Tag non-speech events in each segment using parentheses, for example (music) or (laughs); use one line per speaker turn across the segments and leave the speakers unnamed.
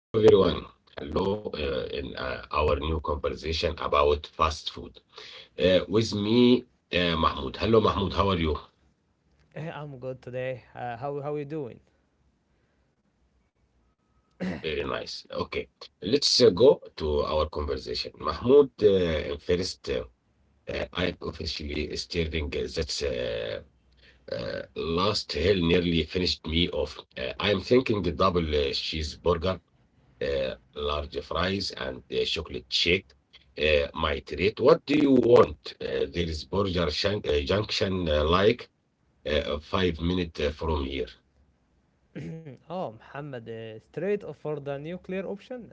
Hello, everyone. Hello, in our new conversation about fast food. With me, Mahmoud. Hello, Mahmoud. How are you?
I'm good today. How you doing?
Very nice. Okay, let's go to our conversation. Mahmoud, first, I'm officially staring that last hell nearly finished me off. I'm thinking the double cheeseburger, large fries and chocolate shake. My treat. What do you want? There is Burger shank, Junction, like 5 minutes from here.
Oh, Muhammad, straight for the nuclear option.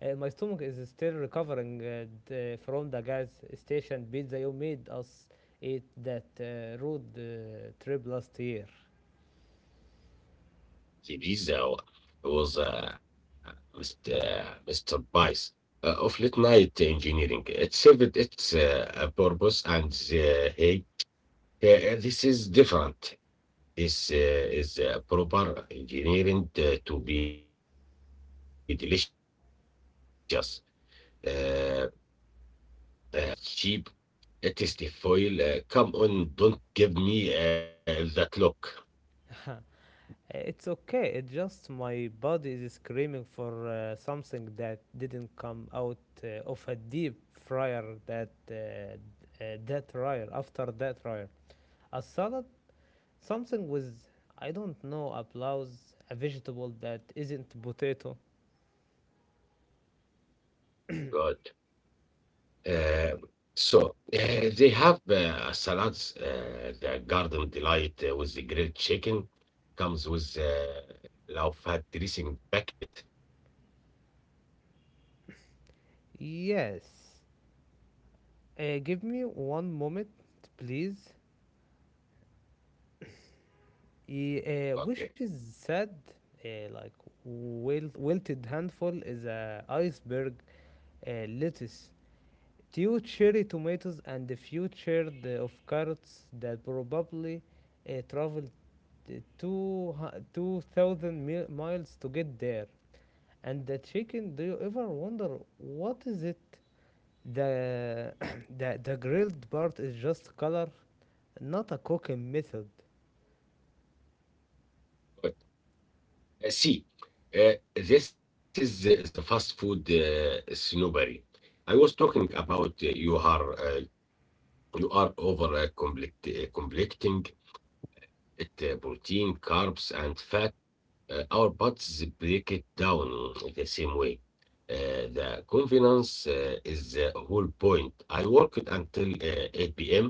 My stomach is still recovering from the gas station pizza you made us eat that road trip last year.
The pizza was Mr. Bice of late night engineering. It served its a purpose, and hey, this is different. This is proper engineering to be uh, delicious fast food. It's foil, fast, cheap, tasty foil. Come on, don't give me that look.
Huh. It's okay. It's just my body is screaming for something that didn't come out of a deep fryer that fryer after that fryer. A salad? Something with, I don't know, applause, a vegetable that isn't potato.
Good. Uh, so they have salads, the garden delight with the grilled chicken. Comes with low fat dressing packet.
Yes. Give me one moment, please. Which is
Okay,
sad, like wilted handful is a iceberg lettuce. Two cherry tomatoes and a few shard of carrots that probably traveled uh, 2,000 miles to get there. And the chicken, do you ever wonder what is it? The (coughs) the grilled part is just color, not a cooking method.
good. See, this is the fast food snobbery I was talking about. Uh, you are over complecting it. Uh, protein, carbs, and fat. Our bodies break it down the same way. The confidence is the whole point. I worked until 8 p.m.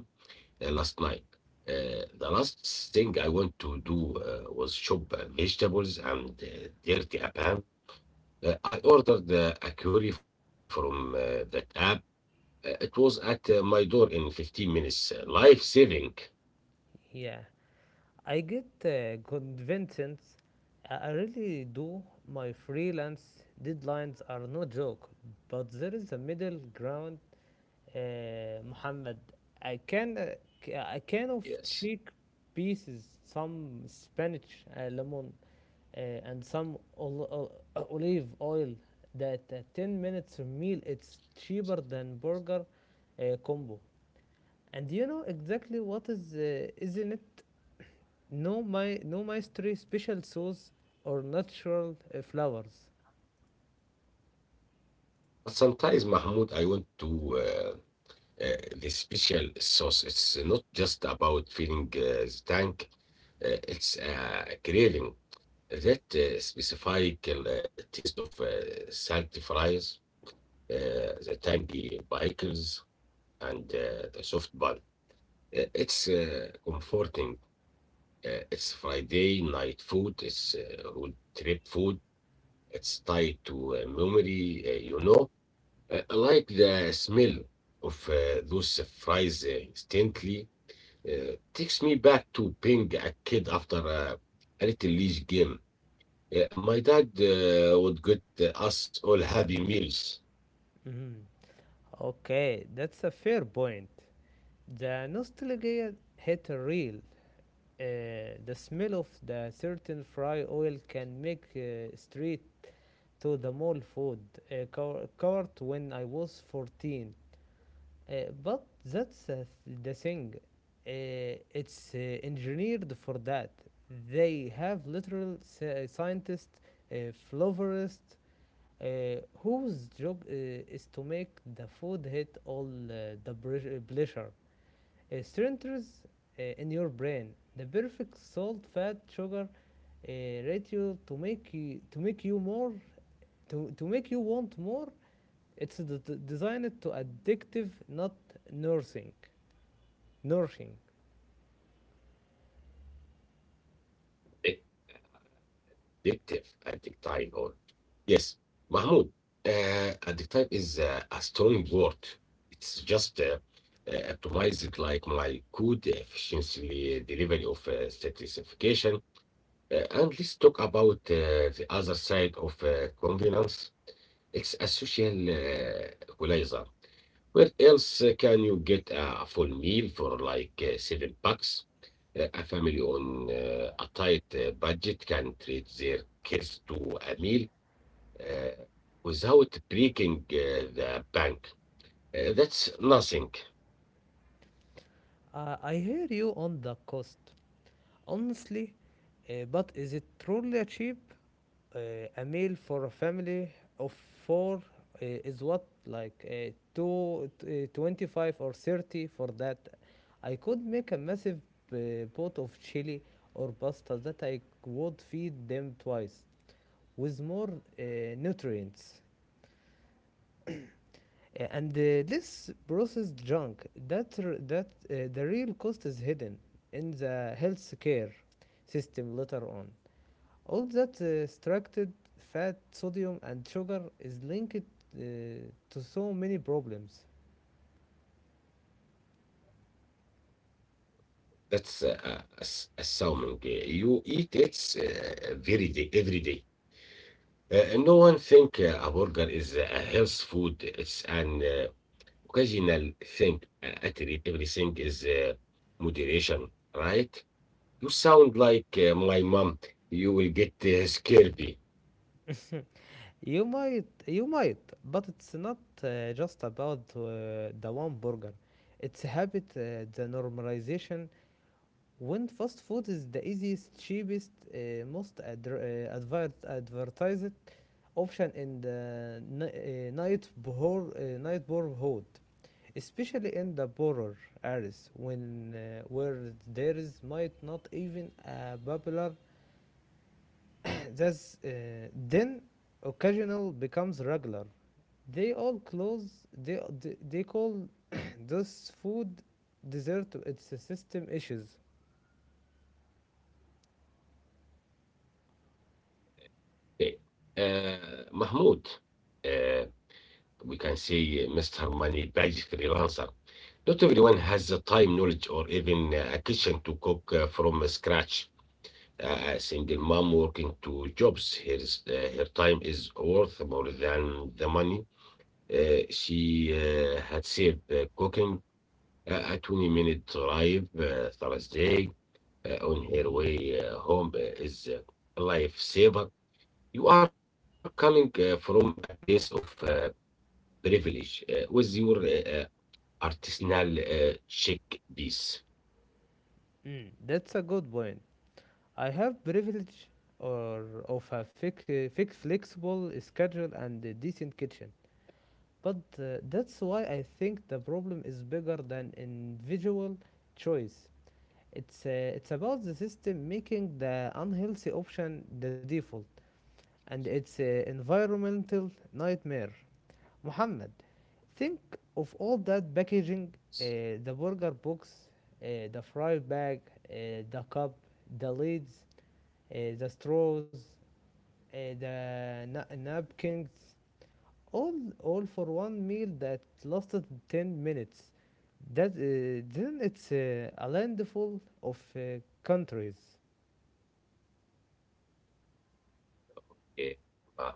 last night. The last thing I want to do was shop vegetables and dirty apparel. I ordered a curry from that app. It was at my door in 15 minutes. Life saving.
Yeah, I get convinced. I really do. My freelance deadlines are no joke, but there is a middle ground, Muhammad. I can uh, a can of
Yes.
cheek pieces, some spinach, lemon, uh, and some olive oil, that 10 minutes per meal. It's cheaper than burger combo, and you know exactly what is isn't it. No, my no mystery special sauce or natural flowers.
But sometimes, Mahmoud, I want to the special sauce. It's not just about feeling the tank. It's a craving. That specific taste of salty fries, the tangy pickles, and the soft bun. It's comforting. It's Friday night food. It's road trip food. It's tied to memory, I like the smell of those fries instantly. Takes me back to being a kid after a little league game. My dad would get us all happy meals.
Mhm. Okay, that's a fair point. The nostalgia hit real. Uh, the smell of the certain fry oil can make street to the mall food cart when I was 14. Uh, but that's the thing. It's engineered for that. They have literal scientists, uh, flavorists, uh, whose job is to make the food hit all the pleasure centers in your brain. The perfect salt, fat, sugar ratio to make you more to make you want more. it's d- Designed to addictive, not nursing. Nourishing.
Addictive, addictive or yes, Mahmoud. Addictive is a strong word. It's just optimized like my good efficiency delivery of satisfaction. And let's talk about the other side of convenience. It's a social equalizer. Where else can you get a full meal for like $7? Uh, a family on a tight budget can treat their kids to a meal uh, without breaking the bank. That's nothing.
I hear you on the cost. Honestly, but is it truly cheap? Uh, a meal for a family of four is what, like 25 or 30 for that. I could make a massive pot of chili or pasta that I would feed them twice with more uh, nutrients. And this processed junk that the real cost is hidden in the healthcare system later on. All that extracted fat, sodium and sugar is linked uh, to so many problems.
That's a salmon. You eat it every day. No one think a burger is a health food. It's an occasional thing. I treat everything is moderation, right? You sound like my mom. You will get scared.
You might, you might, but it's not just about the one burger. It's a habit, the normalization, when fast food is the easiest, cheapest, most advertised option in the night borehole, especially in the poorer areas when where there is might not even a popular. (coughs) That's then occasional becomes regular. They all close. They call (coughs) this food dessert. It's a system issues.
Okay. Mahmoud, uh, we can say Mr. Money Badge freelancer. Not everyone has the time, knowledge, or even a kitchen to cook from scratch. A single mom working two jobs, her time is worth more than the money. She had saved cooking a 20-minute drive Thursday on her way home is a lifesaver. You are coming from a place of privilege with your artisanal chic piece.
Mm, that's a good point. I have privilege or of a flexible schedule and a decent kitchen. But that's why I think the problem is bigger than individual choice. It's about the system making the unhealthy option the default, and it's an environmental nightmare. Muhammad, think of all that packaging: uh, the burger box, the fry bag, the cup, the lids, the straws, the napkins, all all for one meal that lasted 10 minutes, that then it's a landfall of countries.
Uh, uh,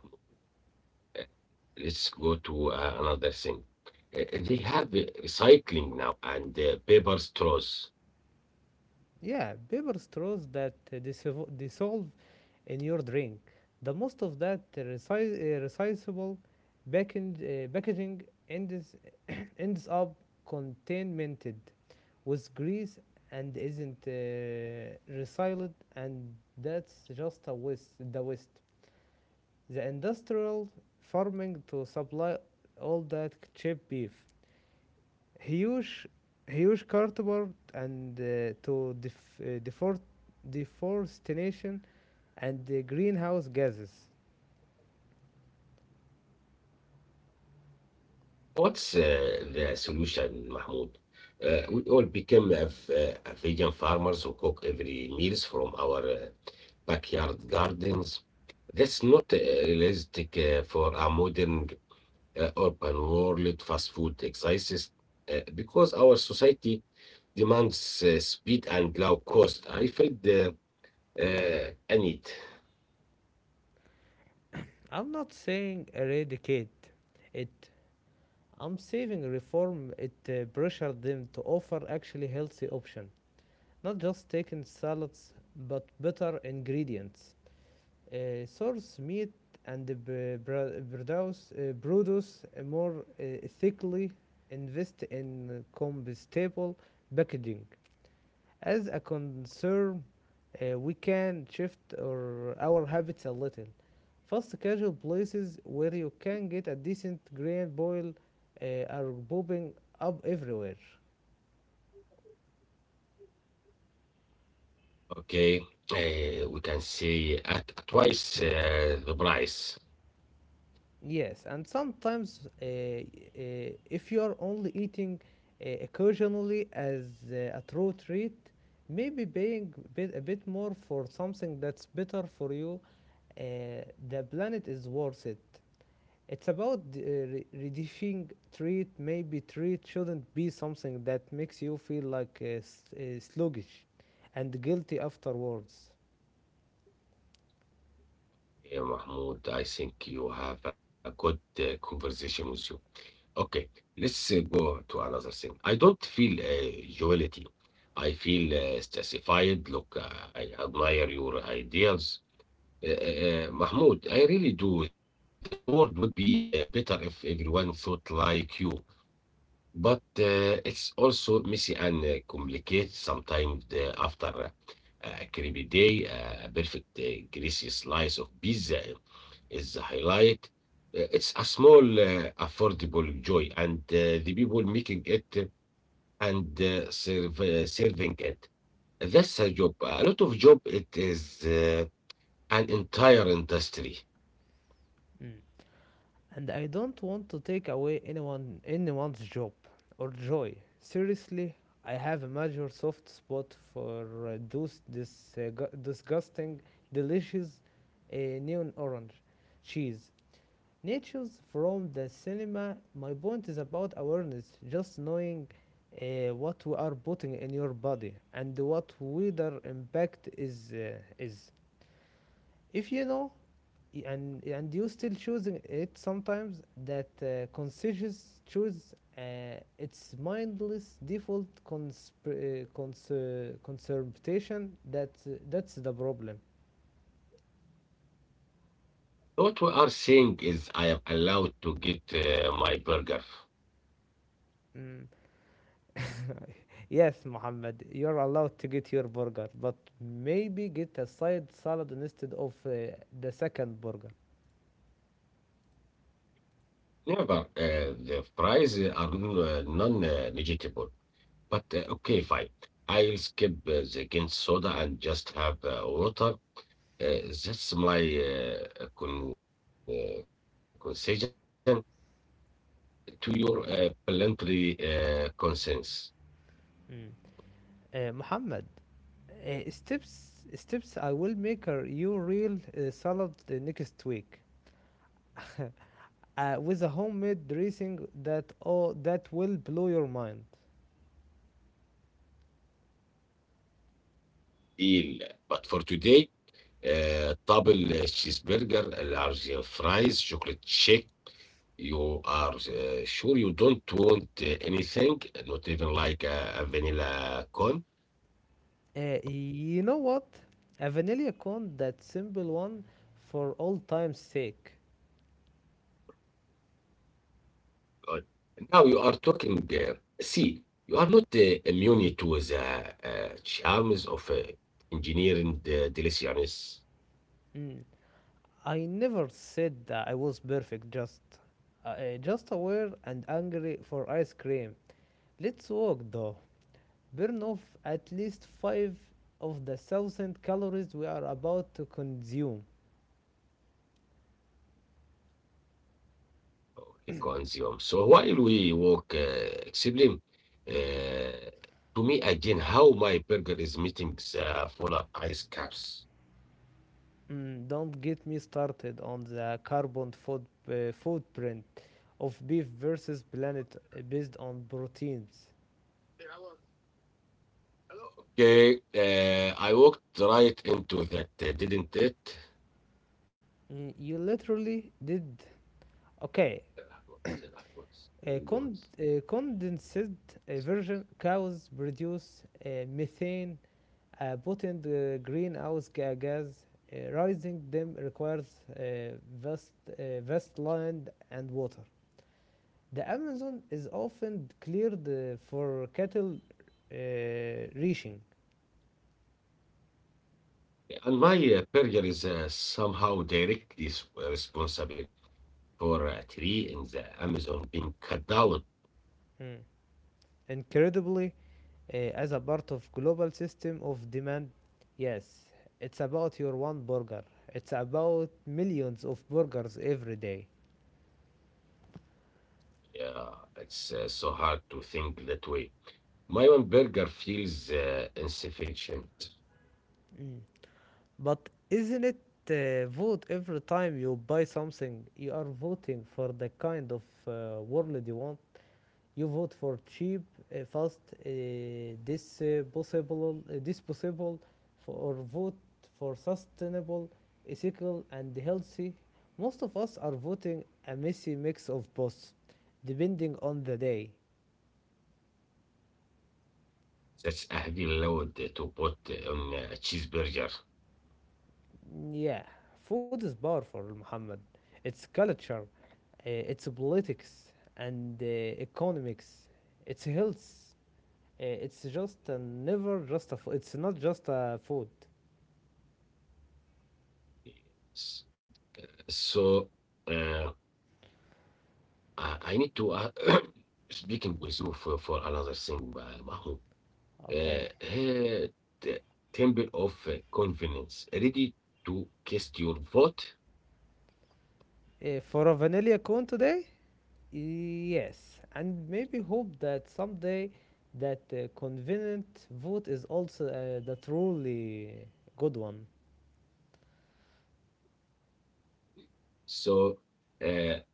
let's go to another thing. Uh, they have recycling now and paper straws.
Yeah, paper straws that uh, dissolve in your drink. The most of that recyclable packaging ends (coughs) ends up contaminated with grease and isn't recycled. And that's just a waste the waste, the industrial farming to supply all that cheap beef. Huge, huge cardboard and deforestation and the greenhouse gases.
What's the solution, Mahmoud? We all became a vegan farmers who cook every meals from our backyard gardens. That's not realistic for a modern urban world, fast food exercises, because our society demands speed and low cost. I felt the a need.
I'm not saying eradicate it. I'm saying reform it, pressure them to offer actually healthy option, not just taking salads but better ingredients. Uh, source meat and produce more ethically, invest in compostable packaging. As a concern, we can shift our habits a little. Fast casual places where you can get a decent grain boil uh, are popping up everywhere.
Okay, we can say at twice the price.
Yes, and sometimes if you are only eating occasionally as a true treat, maybe paying a bit more for something that's better for you, uh, the planet is worth it. It's about reducing treat. Maybe treat shouldn't be something that makes you feel like sluggish and guilty afterwards.
Yeah, Mahmoud, I think you have a good conversation with you. Okay, let's go to another thing. I don't feel jollity. I feel satisfied. Look, I admire your ideals. Mahmoud, I really do. That world would be better if everyone thought like you. But it's also messy and complicated. Sometimes after a creepy day, a perfect greasy slice of pizza is the highlight. It's a small, affordable joy, and the people making it and serving it. That's a job. A lot of job. It is an entire industry.
Mm. And I don't want to take away anyone's job or joy. Seriously, I have a major soft spot for those disgusting, delicious neon orange cheese. Nature's from the cinema. My point is about awareness, just knowing what we are putting in your body and what weather impact is. If you know, and you still choosing it sometimes, that conscious choose its mindless default conservation, that's the problem.
What we are saying is I am allowed to get my burger.
Mm. Yes, Mohammed, you're allowed to get your burger, but maybe get a side salad instead of the second burger.
Never. The fries are non-negotiable. But okay, fine. I'll skip the gin soda and just have water. That's my concession to your voluntary consents.
Mm. Mohammed, steps I will make a, your real salad next week. (laughs) With a homemade dressing that oh that will blow your mind.
Deal. But for today, double cheeseburger, large fries, chocolate shake. You are sure you don't want anything, not even like a vanilla cone?
You know what? A vanilla cone, that simple one, for all time's sake.
Good. Now you are talking. See, you are not immune to the charms of engineering the deliciousness
Mm. I never said that I was perfect. Just aware and angry for ice cream. Let's walk though. Burn off at least five of the thousand calories we are about to consume.
of the consume. So while we walk, explain uh, to me again how my burger is meeting the polar ice caps.
Mm, don't get me started on the carbon foot, footprint of beef versus planet based on proteins.
Okay, I walked right into that, didn't it?
Mm, you literally did. Okay, a condensed version. Cows produce methane, a potent greenhouse gas. Raising them requires vast, vast land and water. The Amazon is often cleared for cattle uh, ranching.
And my burger is somehow directly responsible for a tree in the Amazon being cut down.
Mm. Incredibly, as a part of global system of demand, yes, it's about your one burger. It's about millions of burgers every day.
Yeah, it's so hard to think that way. My one burger feels insufficient.
Mm. But isn't it vote every time you buy something? You are voting for the kind of world you want. You vote for cheap, fast, uh, this possible, or vote for sustainable, ethical, and healthy. Most of us are voting a messy mix of both, depending on the day.
That's a heavy load to put on a cheeseburger.
Yeah, food is powerful, Muhammad. It's culture, it's politics, and economics. It's health. Uh, it's not just a food.
Yes. So, uh, I need to (clears throat) speaking with you for another thing, Mahmoud. Uh,
Okay.
uh, the temple of confidence ready to cast your vote.
For a vanilla cone today? Yes, and maybe hope that someday that convenient vote is also the truly good one.
So uh,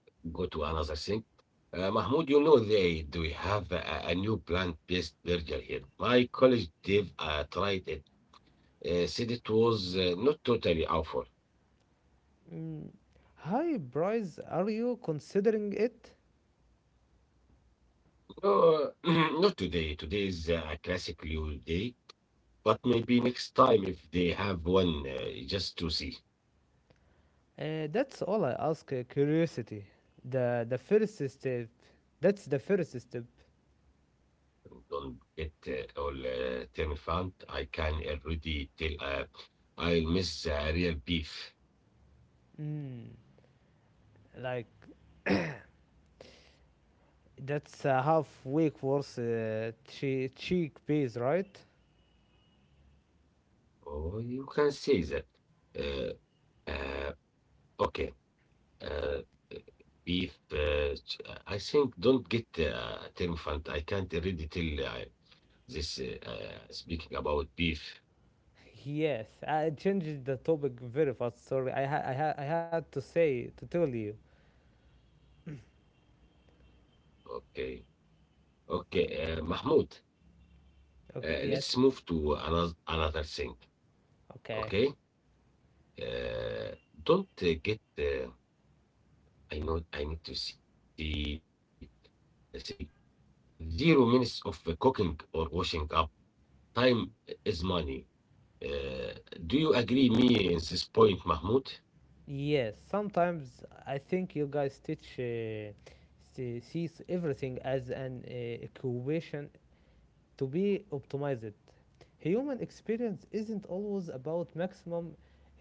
go to another thing. Mahmoud, you know they do have a new plant-based burger here. My college Dave tried it. Said it was not totally awful.
Mm. Hi, Bryce, are you considering it?
No, (clears throat) not today. Today is a classic new day. But maybe next time if they have one, just to see,
That's all I ask. Curiosity, the first step. That's the first step.
don't get all turned around. I can already tell I'll miss real beef.
Mm. Like that's a half week worth cheek piece, right?
Oh, you can say that. Uh, uh, okay, uh, beef. I think don't get turned around. I can't already tell this. Speaking about beef.
Yes, I changed the topic very fast. Sorry, I had to say to tell you.
Okay, okay, Mahmoud.
Okay. Yes.
Let's move to another thing.
Okay.
Okay. Don't get I know I need to see say uh, 0 minutes of cooking or washing up. Time is money. Uh, do you agree me in this point, Mahmoud?
Yes. Sometimes I think you guys teach sees everything as an equation to be optimized. Human experience isn't always about maximum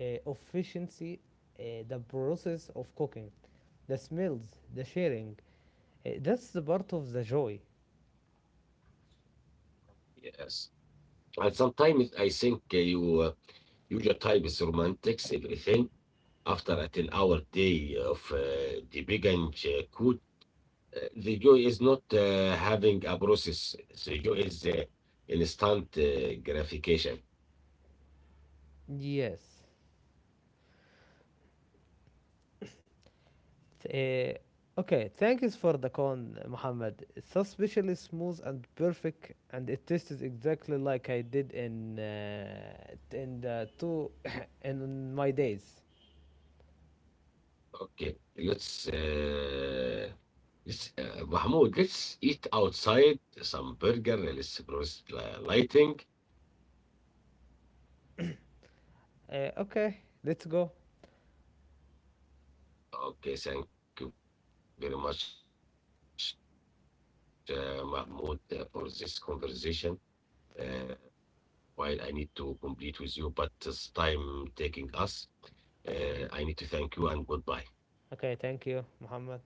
uh, efficiency. The process of cooking, the smells, the sharing, that's the part of the joy.
Yes. And sometimes I think you your type is romantics everything. After a 10-hour day of the big and good, the joy is not having a process. The joy is instant gratification.
Yes. Okay, thank you for the con, Muhammad. It's so especially smooth and perfect, and it tastes exactly like I did in the two (coughs) in my days.
Okay, let's Mahmoud, let's eat outside some burger. Let's browse the lighting.
Okay, let's go.
Okay, thank you very much, Mahmoud, for this conversation. Uh, while I need to complete with you, but it's time taking us. I need to thank you and goodbye.
Mm. Okay, thank you, Muhammad.